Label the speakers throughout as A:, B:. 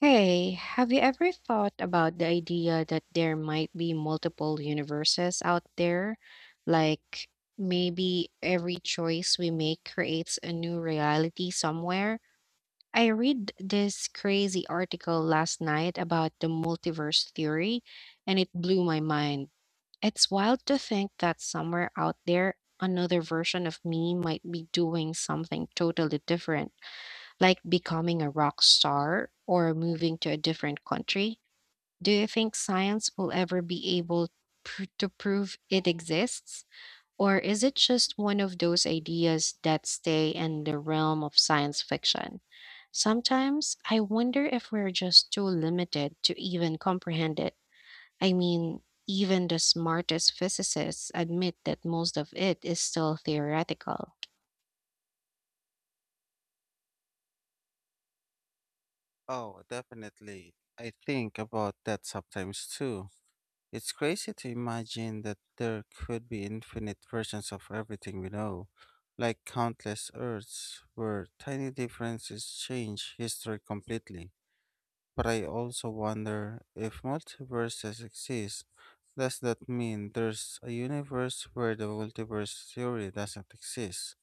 A: Hey, have you ever thought about the idea that there might be multiple universes out there? Like maybe every choice we make creates a new reality somewhere? I read this crazy article last night about the multiverse theory, and it blew my mind. It's wild to think that somewhere out there, another version of me might be doing something totally different like becoming a rock star or moving to a different country? Do you think science will ever be able to prove it exists? Or is it just one of those ideas that stay in the realm of science fiction? Sometimes I wonder if we're just too limited to even comprehend it. I mean, even the smartest physicists admit that most of it is still theoretical.
B: Oh, definitely. I think about that sometimes too. It's crazy to imagine that there could be infinite versions of everything we know, like countless Earths where tiny differences change history completely. But I also wonder if multiverses exist, does that mean there's a universe where the multiverse theory doesn't exist?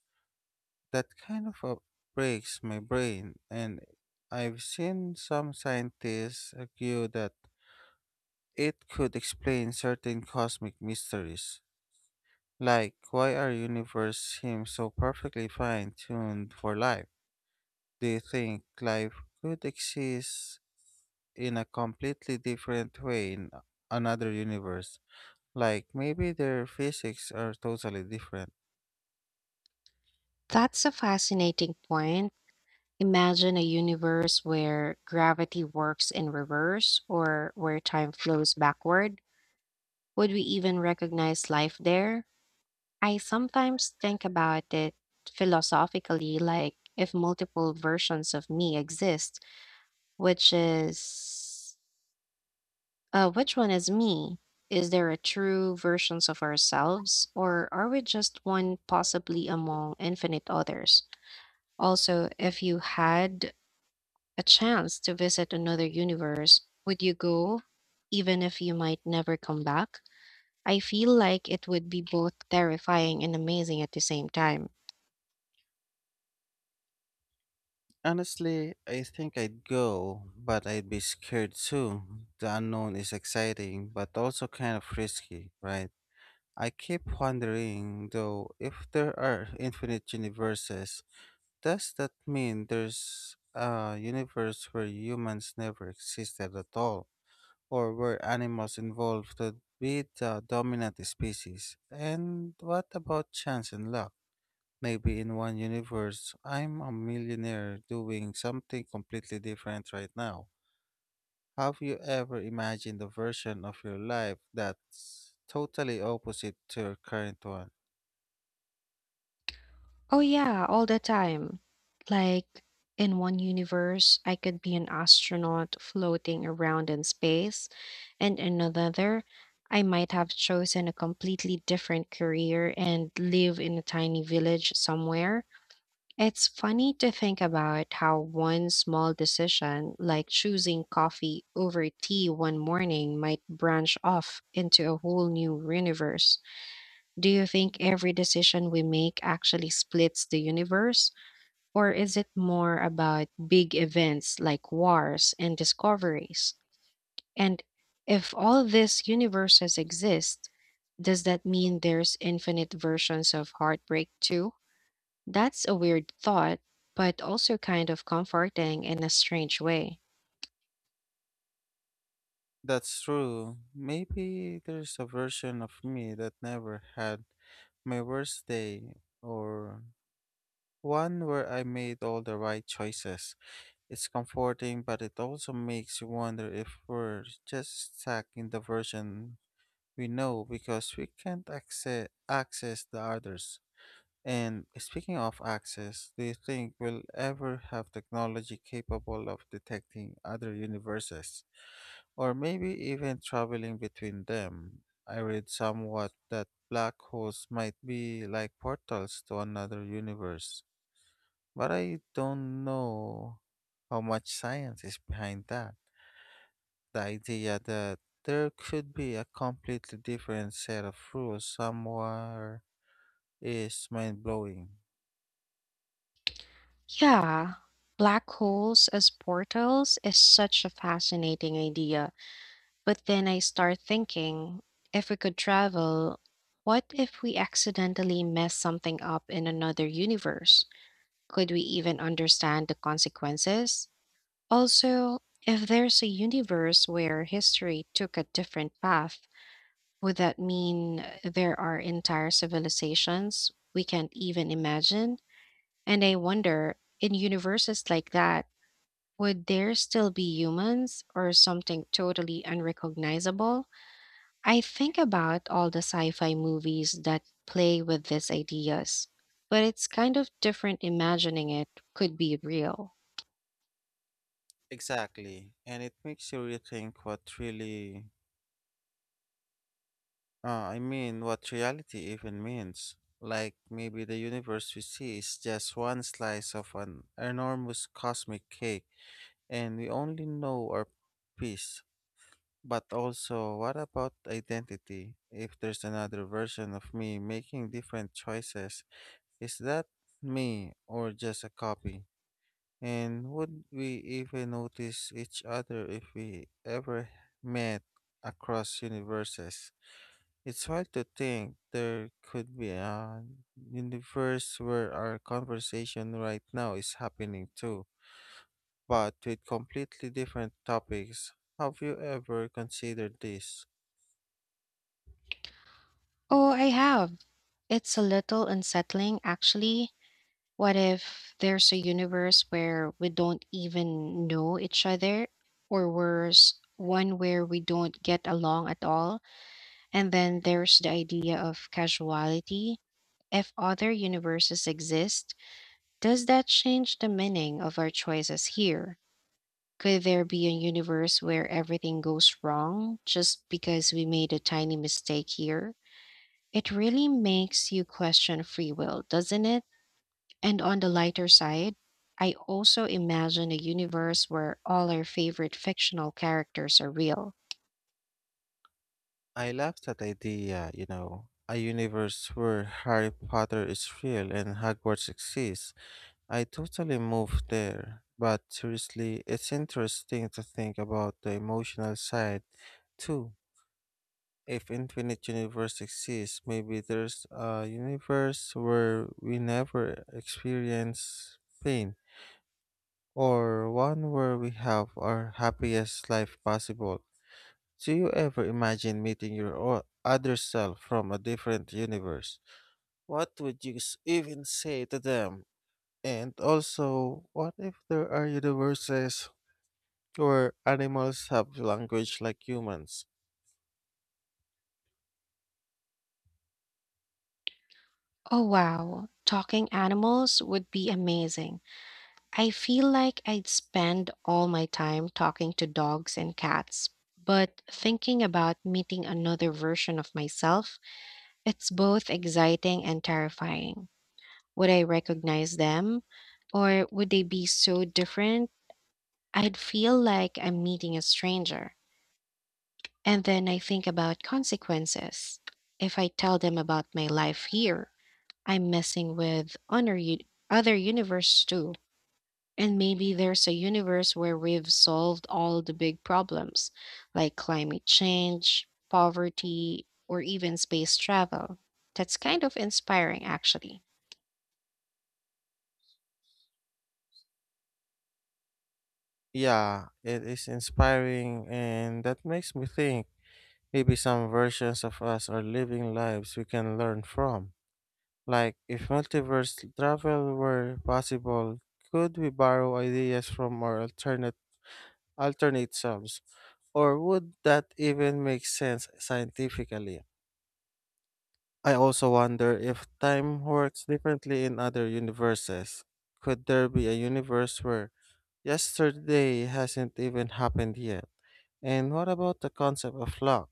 B: That kind of a breaks my brain, and I've seen some scientists argue that it could explain certain cosmic mysteries, like why our universe seems so perfectly fine-tuned for life. Do you think life could exist in a completely different way in another universe? Like maybe their physics are totally different.
A: That's a fascinating point. Imagine a universe where gravity works in reverse or where time flows backward. Would we even recognize life there? I sometimes think about it philosophically, like if multiple versions of me exist, which is which one is me? Is there a true versions of ourselves, or are we just one possibly among infinite others? Also, if you had a chance to visit another universe, would you go even if you might never come back? I feel like it would be both terrifying and amazing at the same time.
B: Honestly, I think I'd go, but I'd be scared too. The unknown is exciting, but also kind of risky, right? I keep wondering, though, if there are infinite universes, does that mean there's a universe where humans never existed at all, or where animals involved would be the dominant species? And what about chance and luck? Maybe in one universe, I'm a millionaire doing something completely different right now. Have you ever imagined a version of your life that's totally opposite to your current one?
A: Oh, yeah, all the time. Like, in one universe, I could be an astronaut floating around in space, and in another, I might have chosen a completely different career and live in a tiny village somewhere. It's funny to think about how one small decision, like choosing coffee over tea one morning, might branch off into a whole new universe. Do you think every decision we make actually splits the universe? Or is it more about big events like wars and discoveries? And if all these universes exist, does that mean there's infinite versions of heartbreak too? That's a weird thought, but also kind of comforting in a strange way.
B: That's true. Maybe there's a version of me that never had my worst day or one where I made all the right choices. It's comforting, but it also makes you wonder if we're just stuck in the version we know because we can't access the others. And speaking of access, do you think we'll ever have technology capable of detecting other universes? Or maybe even traveling between them? I read somewhat that black holes might be like portals to another universe. But I don't know how much science is behind that. The idea that there could be a completely different set of rules somewhere is mind blowing.
A: Yeah, black holes as portals is such a fascinating idea. But then I start thinking, if we could travel, what if we accidentally mess something up in another universe? Could we even understand the consequences? Also, if there's a universe where history took a different path, would that mean there are entire civilizations we can't even imagine? And I wonder, in universes like that, would there still be humans or something totally unrecognizable? I think about all the sci fi movies that play with these ideas, but it's kind of different imagining it could be real.
B: Exactly. And it makes you rethink what reality even means. Like maybe the universe we see is just one slice of an enormous cosmic cake, and we only know our piece. But also, what about identity? If there's another version of me making different choices, is that me or just a copy? And would we even notice each other if we ever met across universes? It's hard to think there could be a universe where our conversation right now is happening too, but with completely different topics. Have you ever considered this?
A: Oh, I have. It's a little unsettling, actually. What if there's a universe where we don't even know each other? Or worse, one where we don't get along at all? And then there's the idea of casuality. If other universes exist, does that change the meaning of our choices here? Could there be a universe where everything goes wrong just because we made a tiny mistake here? It really makes you question free will, doesn't it? And on the lighter side, I also imagine a universe where all our favorite fictional characters are real.
B: I love that idea, you know, a universe where Harry Potter is real and Hogwarts exists. I totally moved there, but seriously, it's interesting to think about the emotional side too. If Infinite Universe exists, maybe there's a universe where we never experience pain, or one where we have our happiest life possible. Do you ever imagine meeting your other self from a different universe? What would you even say to them? And also, what if there are universes where animals have language like humans?
A: Oh wow, talking animals would be amazing. I feel like I'd spend all my time talking to dogs and cats. But thinking about meeting another version of myself, it's both exciting and terrifying. Would I recognize them? Or would they be so different? I'd feel like I'm meeting a stranger. And then I think about consequences. If I tell them about my life here, I'm messing with other universe too. And maybe there's a universe where we've solved all the big problems, like climate change, poverty, or even space travel. That's kind of inspiring, actually.
B: Yeah, it is inspiring, and that makes me think maybe some versions of us are living lives we can learn from. Like, if multiverse travel were possible, could we borrow ideas from our alternate selves? Or would that even make sense scientifically? I also wonder if time works differently in other universes. Could there be a universe where yesterday hasn't even happened yet? And what about the concept of luck?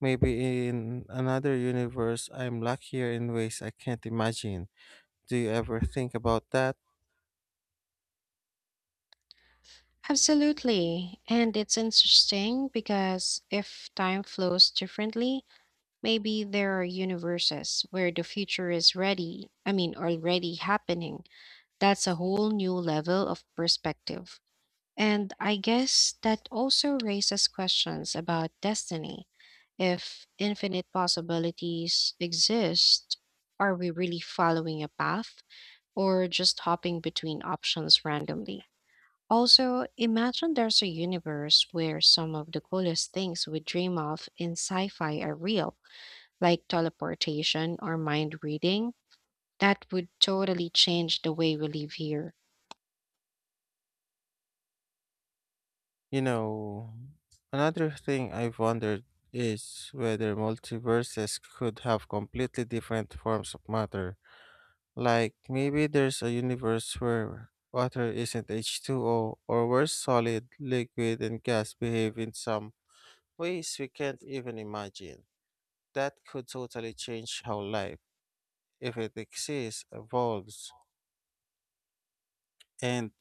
B: Maybe in another universe, I'm luckier in ways I can't imagine. Do you ever think about that?
A: Absolutely. And it's interesting because if time flows differently, maybe there are universes where the future is ready, I mean, already happening. That's a whole new level of perspective. And I guess that also raises questions about destiny. If infinite possibilities exist, are we really following a path or just hopping between options randomly? Also, imagine there's a universe where some of the coolest things we dream of in sci fi are real, like teleportation or mind reading. That would totally change the way we live here.
B: You know, another thing I've wondered is whether multiverses could have completely different forms of matter. Like maybe there's a universe where water isn't H2O, or where solid, liquid, and gas behave in some ways we can't even imagine. That could totally change how life, if it exists, evolves. And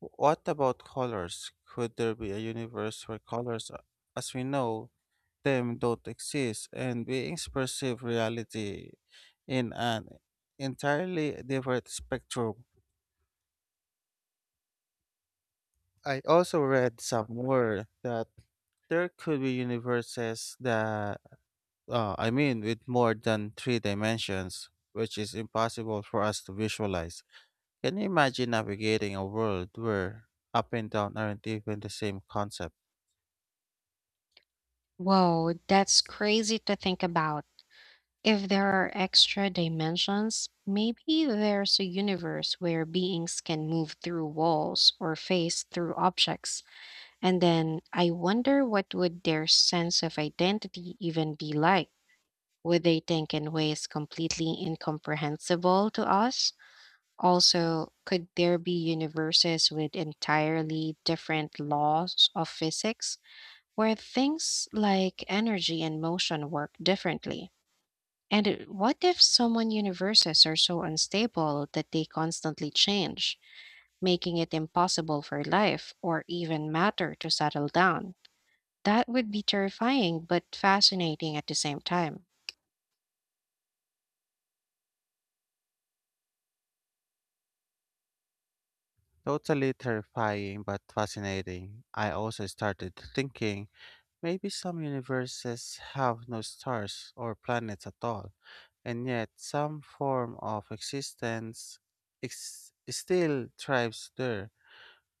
B: what about colors? Could there be a universe where colors, as we know them, don't exist and beings perceive reality in an entirely different spectrum? I also read somewhere that there could be universes with more than three dimensions, which is impossible for us to visualize. Can you imagine navigating a world where up and down aren't even the same concept?
A: Whoa, that's crazy to think about. If there are extra dimensions, maybe there's a universe where beings can move through walls or phase through objects. And then I wonder, what would their sense of identity even be like? Would they think in ways completely incomprehensible to us? Also, could there be universes with entirely different laws of physics where things like energy and motion work differently? And what if someone universes are so unstable that they constantly change, making it impossible for life or even matter to settle down? That would be terrifying but fascinating at the same time.
B: Totally terrifying but fascinating. I also started thinking maybe some universes have no stars or planets at all and yet some form of existence still thrives there.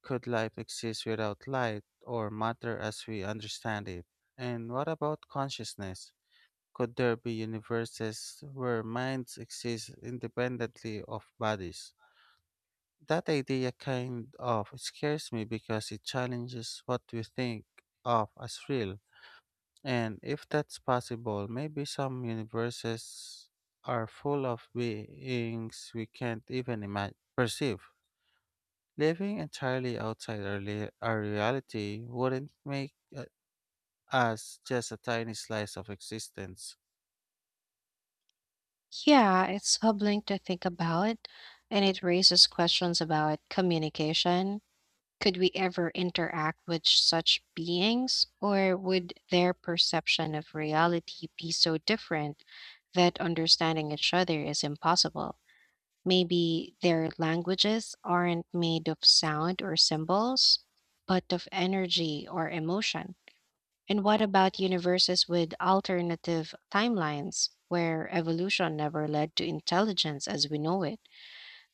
B: Could life exist without light or matter as we understand it? And what about consciousness? Could there be universes where minds exist independently of bodies? That idea kind of scares me because it challenges what we think of as real. And if that's possible, maybe some universes are full of beings we can't even imagine perceive. Living entirely outside our reality wouldn't make us just a tiny slice of existence.
A: Yeah, it's humbling to think about, and it raises questions about communication. Could we ever interact with such beings, or would their perception of reality be so different that understanding each other is impossible? Maybe their languages aren't made of sound or symbols, but of energy or emotion. And what about universes with alternative timelines where evolution never led to intelligence as we know it?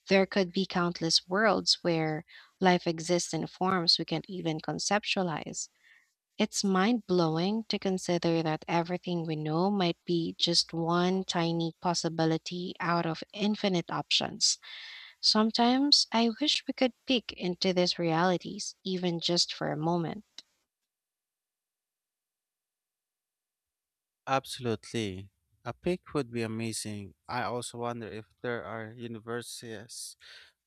A: There could be countless worlds where life exists in forms we can't even conceptualize. It's mind blowing to consider that everything we know might be just one tiny possibility out of infinite options. Sometimes I wish we could peek into these realities, even just for a moment.
B: Absolutely. A peak would be amazing. I also wonder if there are universes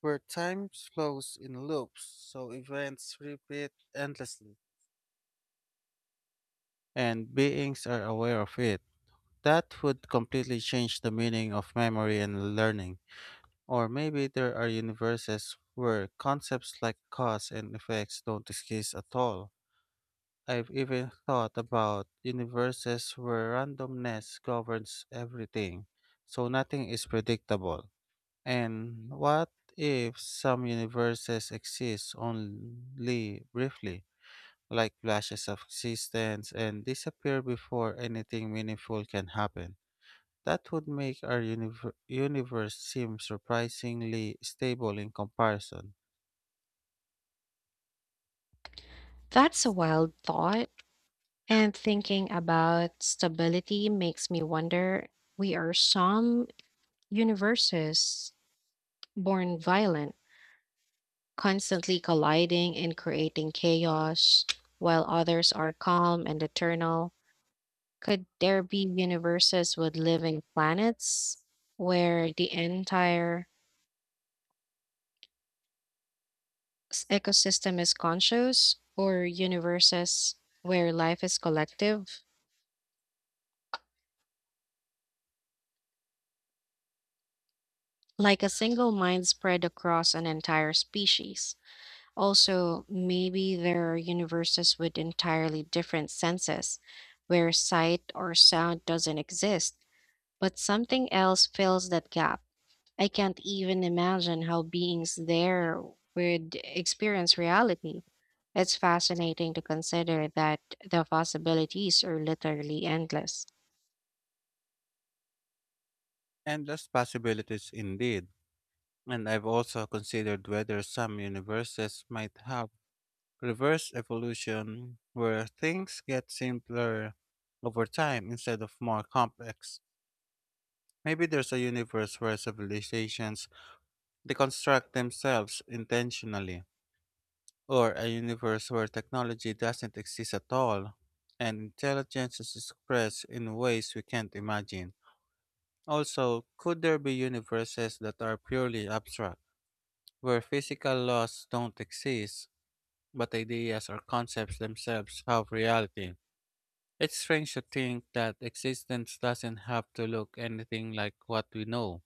B: where time flows in loops, so events repeat endlessly, and beings are aware of it. That would completely change the meaning of memory and learning. Or maybe there are universes where concepts like cause and effects don't exist at all. I've even thought about universes where randomness governs everything, so nothing is predictable. And what if some universes exist only briefly, like flashes of existence, and disappear before anything meaningful can happen? That would make our universe seem surprisingly stable in comparison.
A: That's a wild thought, and thinking about stability makes me wonder, we are some universes born violent, constantly colliding and creating chaos, while others are calm and eternal? Could there be universes with living planets where the entire ecosystem is conscious, or universes where life is collective, like a single mind spread across an entire species? Also, maybe there are universes with entirely different senses where sight or sound doesn't exist, but something else fills that gap. I can't even imagine how beings there would experience reality. It's fascinating to consider that the possibilities are literally endless.
B: Endless possibilities indeed. And I've also considered whether some universes might have reverse evolution where things get simpler over time instead of more complex. Maybe there's a universe where civilizations deconstruct themselves intentionally, or a universe where technology doesn't exist at all and intelligence is expressed in ways we can't imagine. Also, could there be universes that are purely abstract, where physical laws don't exist, but ideas or concepts themselves have reality? It's strange to think that existence doesn't have to look anything like what we know.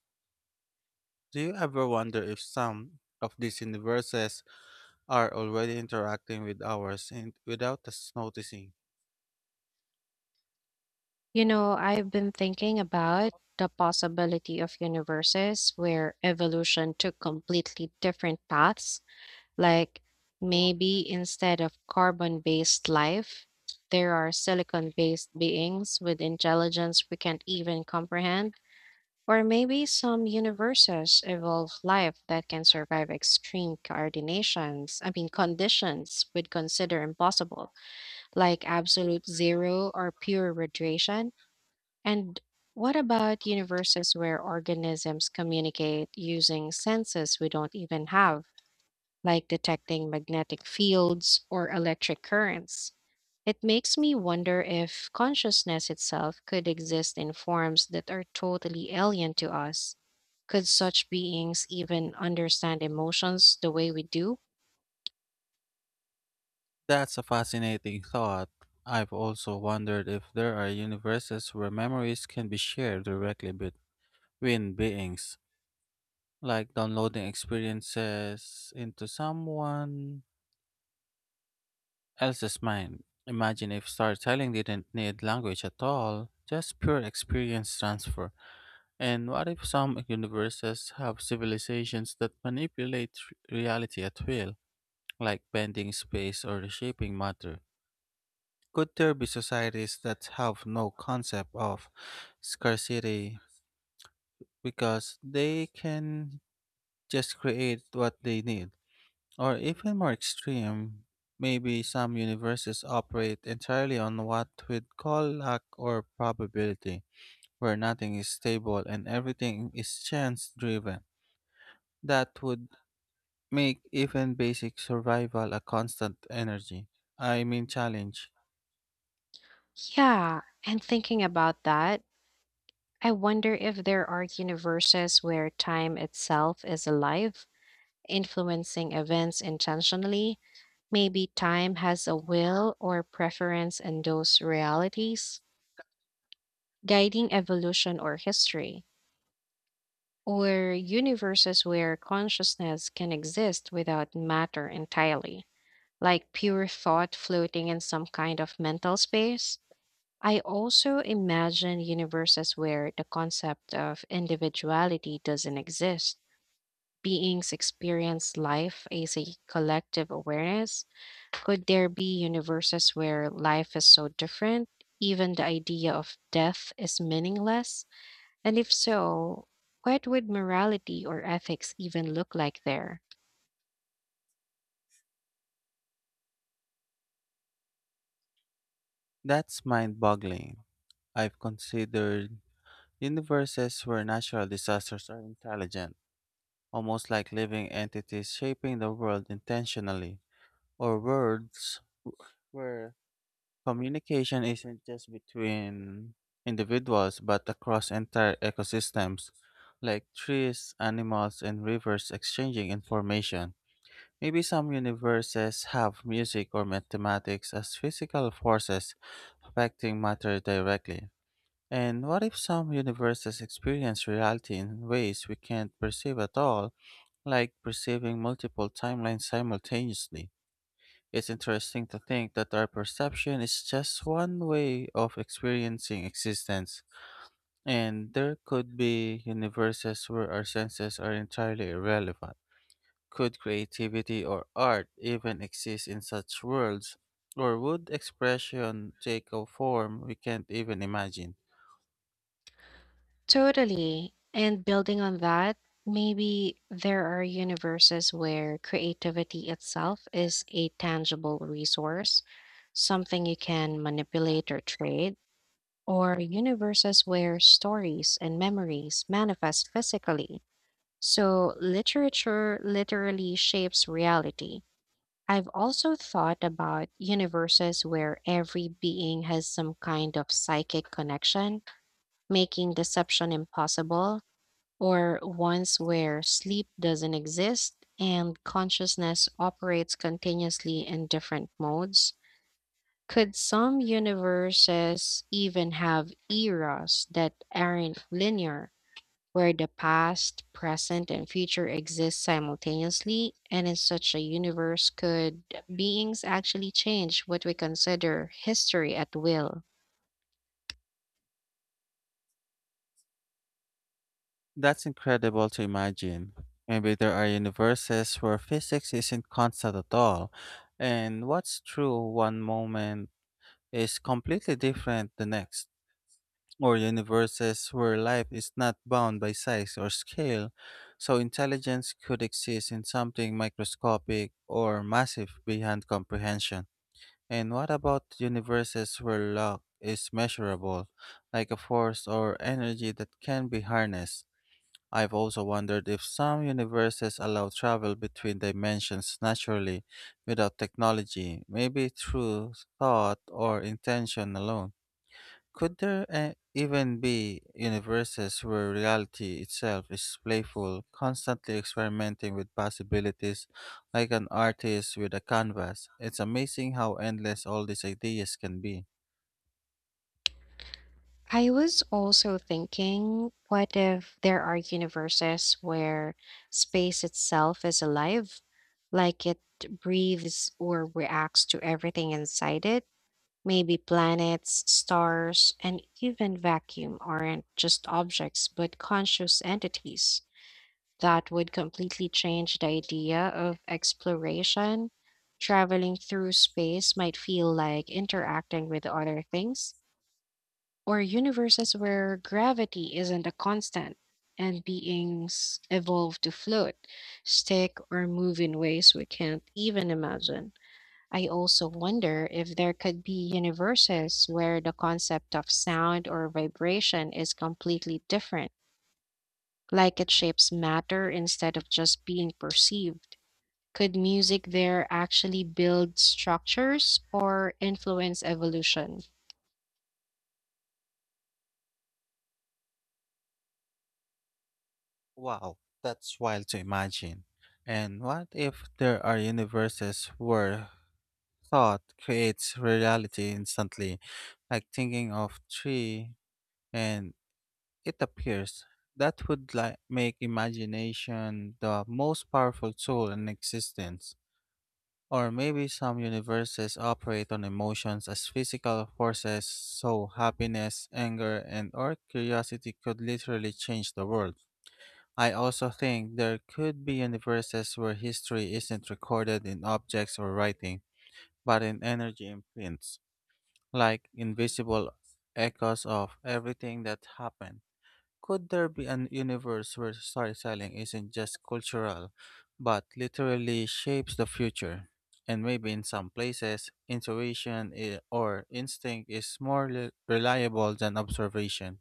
B: Do you ever wonder if some of these universes are already interacting with ours and without us noticing?
A: You know, I've been thinking about the possibility of universes where evolution took completely different paths, like maybe instead of carbon based life, there are silicon based beings with intelligence we can't even comprehend. Or maybe some universes evolve life that can survive extreme coordinations, I mean conditions we'd consider impossible, like absolute zero or pure radiation. And what about universes where organisms communicate using senses we don't even have, like detecting magnetic fields or electric currents? It makes me wonder if consciousness itself could exist in forms that are totally alien to us. Could such beings even understand emotions the way we do?
B: That's a fascinating thought. I've also wondered if there are universes where memories can be shared directly between beings, like downloading experiences into someone else's mind. Imagine if storytelling didn't need language at all, just pure experience transfer. And what if some universes have civilizations that manipulate reality at will, like bending space or reshaping matter? Could there be societies that have no concept of scarcity because they can just create what they need? Or even more extreme, maybe some universes operate entirely on what we'd call luck or probability, where nothing is stable and everything is chance driven. That would make even basic survival a constant challenge.
A: Yeah, and thinking about that, I wonder if there are universes where time itself is alive, influencing events intentionally. Maybe time has a will or preference in those realities, guiding evolution or history, or universes where consciousness can exist without matter entirely, like pure thought floating in some kind of mental space. I also imagine universes where the concept of individuality doesn't exist, beings experience life as a collective awareness? Could there be universes where life is so different, even the idea of death is meaningless? And if so, what would morality or ethics even look like there?
B: That's mind boggling. I've considered universes where natural disasters are intelligent, almost like living entities shaping the world intentionally, or worlds where communication isn't just between individuals but across entire ecosystems, like trees, animals, and rivers exchanging information. Maybe some universes have music or mathematics as physical forces affecting matter directly, and what if some universes experience reality in ways we can't perceive at all, like perceiving multiple timelines simultaneously? It's interesting to think that our perception is just one way of experiencing existence, and there could be universes where our senses are entirely irrelevant. Could creativity or art even exist in such worlds, or would expression take a form we can't even imagine?
A: Totally. And building on that, maybe there are universes where creativity itself is a tangible resource, something you can manipulate or trade, or universes where stories and memories manifest physically. So, literature literally shapes reality. I've also thought about universes where every being has some kind of psychic connection, making deception impossible, or ones where sleep doesn't exist and consciousness operates continuously in different modes. Could some universes even have eras that aren't linear, where the past, present, and future exist simultaneously? And in such a universe, could beings actually change what we consider history at will?
B: That's incredible to imagine. Maybe there are universes where physics isn't constant at all, and what's true one moment is completely different the next, or universes where life is not bound by size or scale, so intelligence could exist in something microscopic or massive beyond comprehension. And what about universes where luck is measurable, like a force or energy that can be harnessed? I've also wondered if some universes allow travel between dimensions naturally without technology, maybe through thought or intention alone. Could there even be universes where reality itself is playful, constantly experimenting with possibilities like an artist with a canvas? It's amazing how endless all these ideas can be.
A: I was also thinking, what if there are universes where space itself is alive, like it breathes or reacts to everything inside it? Maybe planets, stars, and even vacuum aren't just objects but conscious entities. That would completely change the idea of exploration. Traveling through space might feel like interacting with other things, or universes where gravity isn't a constant and beings evolve to float, stick, or move in ways we can't even imagine. I also wonder if there could be universes where the concept of sound or vibration is completely different, like it shapes matter instead of just being perceived. Could music there actually build structures or influence evolution?
B: Wow, that's wild to imagine. And what if there are universes where thought creates reality instantly, like thinking of tree and it appears. That would like make imagination the most powerful tool in existence. Or maybe some universes operate on emotions as physical forces, so happiness, anger, and or curiosity could literally change the world. I also think there could be universes where history isn't recorded in objects or writing, but in energy imprints like invisible echoes of everything that happened. Could there be an universe where storytelling isn't just cultural, but literally shapes the future? And maybe in some places, intuition or instinct is more reliable than observation.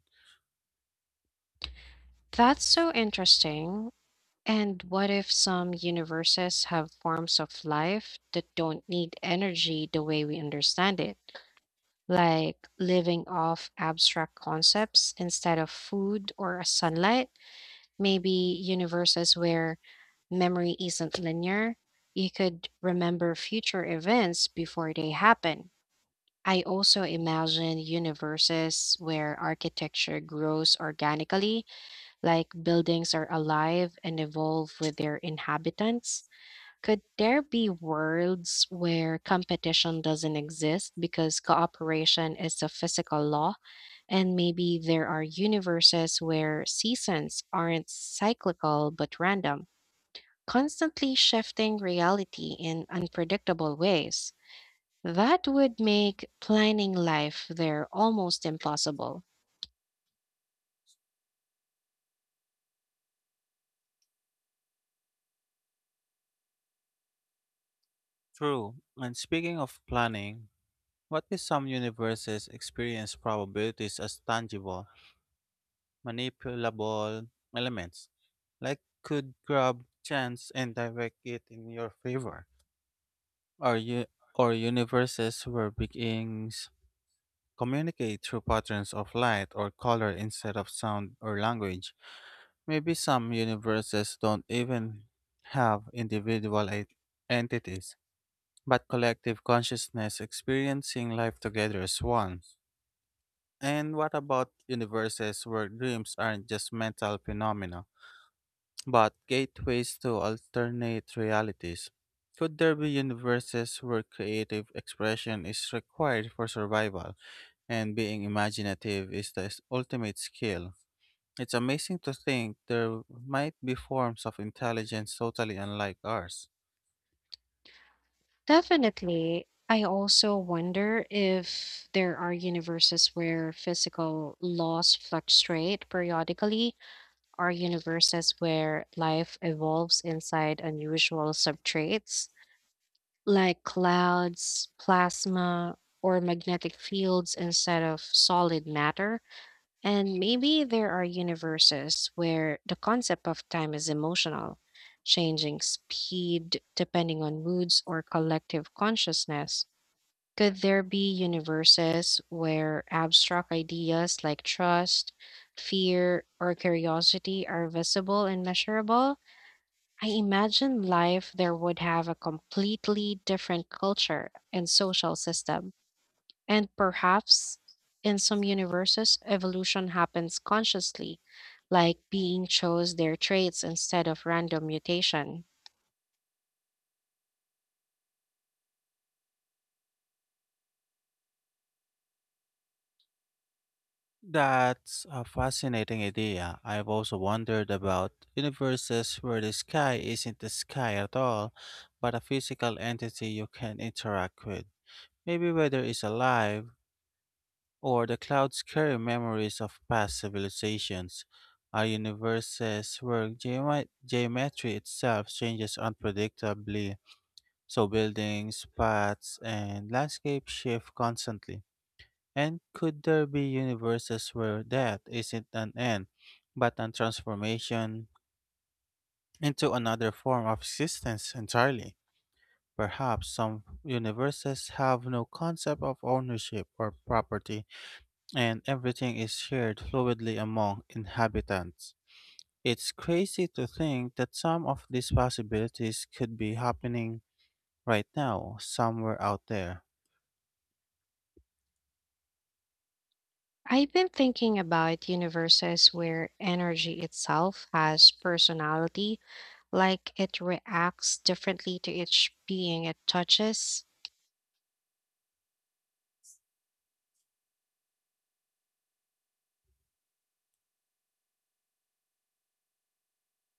A: That's so interesting. And what if some universes have forms of life that don't need energy the way we understand it, like living off abstract concepts instead of food or sunlight? Maybe universes where memory isn't linear. You could remember future events before they happen. I also imagine universes where architecture grows organically, like buildings are alive and evolve with their inhabitants. Could there be worlds where competition doesn't exist because cooperation is a physical law? And maybe there are universes where seasons aren't cyclical but random, constantly shifting reality in unpredictable ways. That would make planning life there almost impossible.
B: True. And speaking of planning, what if some universes experience probabilities as tangible, manipulable elements, like could grab chance and direct it in your favor. Our u- or universes where beings communicate through patterns of light or color instead of sound or language. Maybe some universes don't even have individual entities, but collective consciousness experiencing life together as one. And what about universes where dreams aren't just mental phenomena? But gateways to alternate realities. Could there be universes where creative expression is required for survival and being imaginative is the ultimate skill? It's amazing to think there might be forms of intelligence totally unlike ours.
A: Definitely. I also wonder if there are universes where physical laws fluctuate periodically, or universes where life evolves inside unusual substrates, like clouds, plasma, or magnetic fields instead of solid matter. And maybe there are universes where the concept of time is emotional, changing speed depending on moods or collective consciousness. Could there be universes where abstract ideas like trust, fear, or curiosity are visible and measurable? I imagine life there would have a completely different culture and social system. And perhaps in some universes, evolution happens consciously, like being chose their traits instead of random mutation.
B: That's a fascinating idea. I've also wondered about universes where the sky isn't the sky at all, but a physical entity you can interact with. Maybe weather is alive, or the clouds carry memories of past civilizations, are universes where geometry itself changes unpredictably, so buildings, paths, and landscapes shift constantly. And could there be universes where death isn't an end, but a transformation into another form of existence entirely? Perhaps some universes have no concept of ownership or property and everything is shared fluidly among inhabitants. It's crazy to think that some of these possibilities could be happening right now, somewhere out there.
A: I've been thinking about universes where energy itself has personality, like it reacts differently to each being it touches.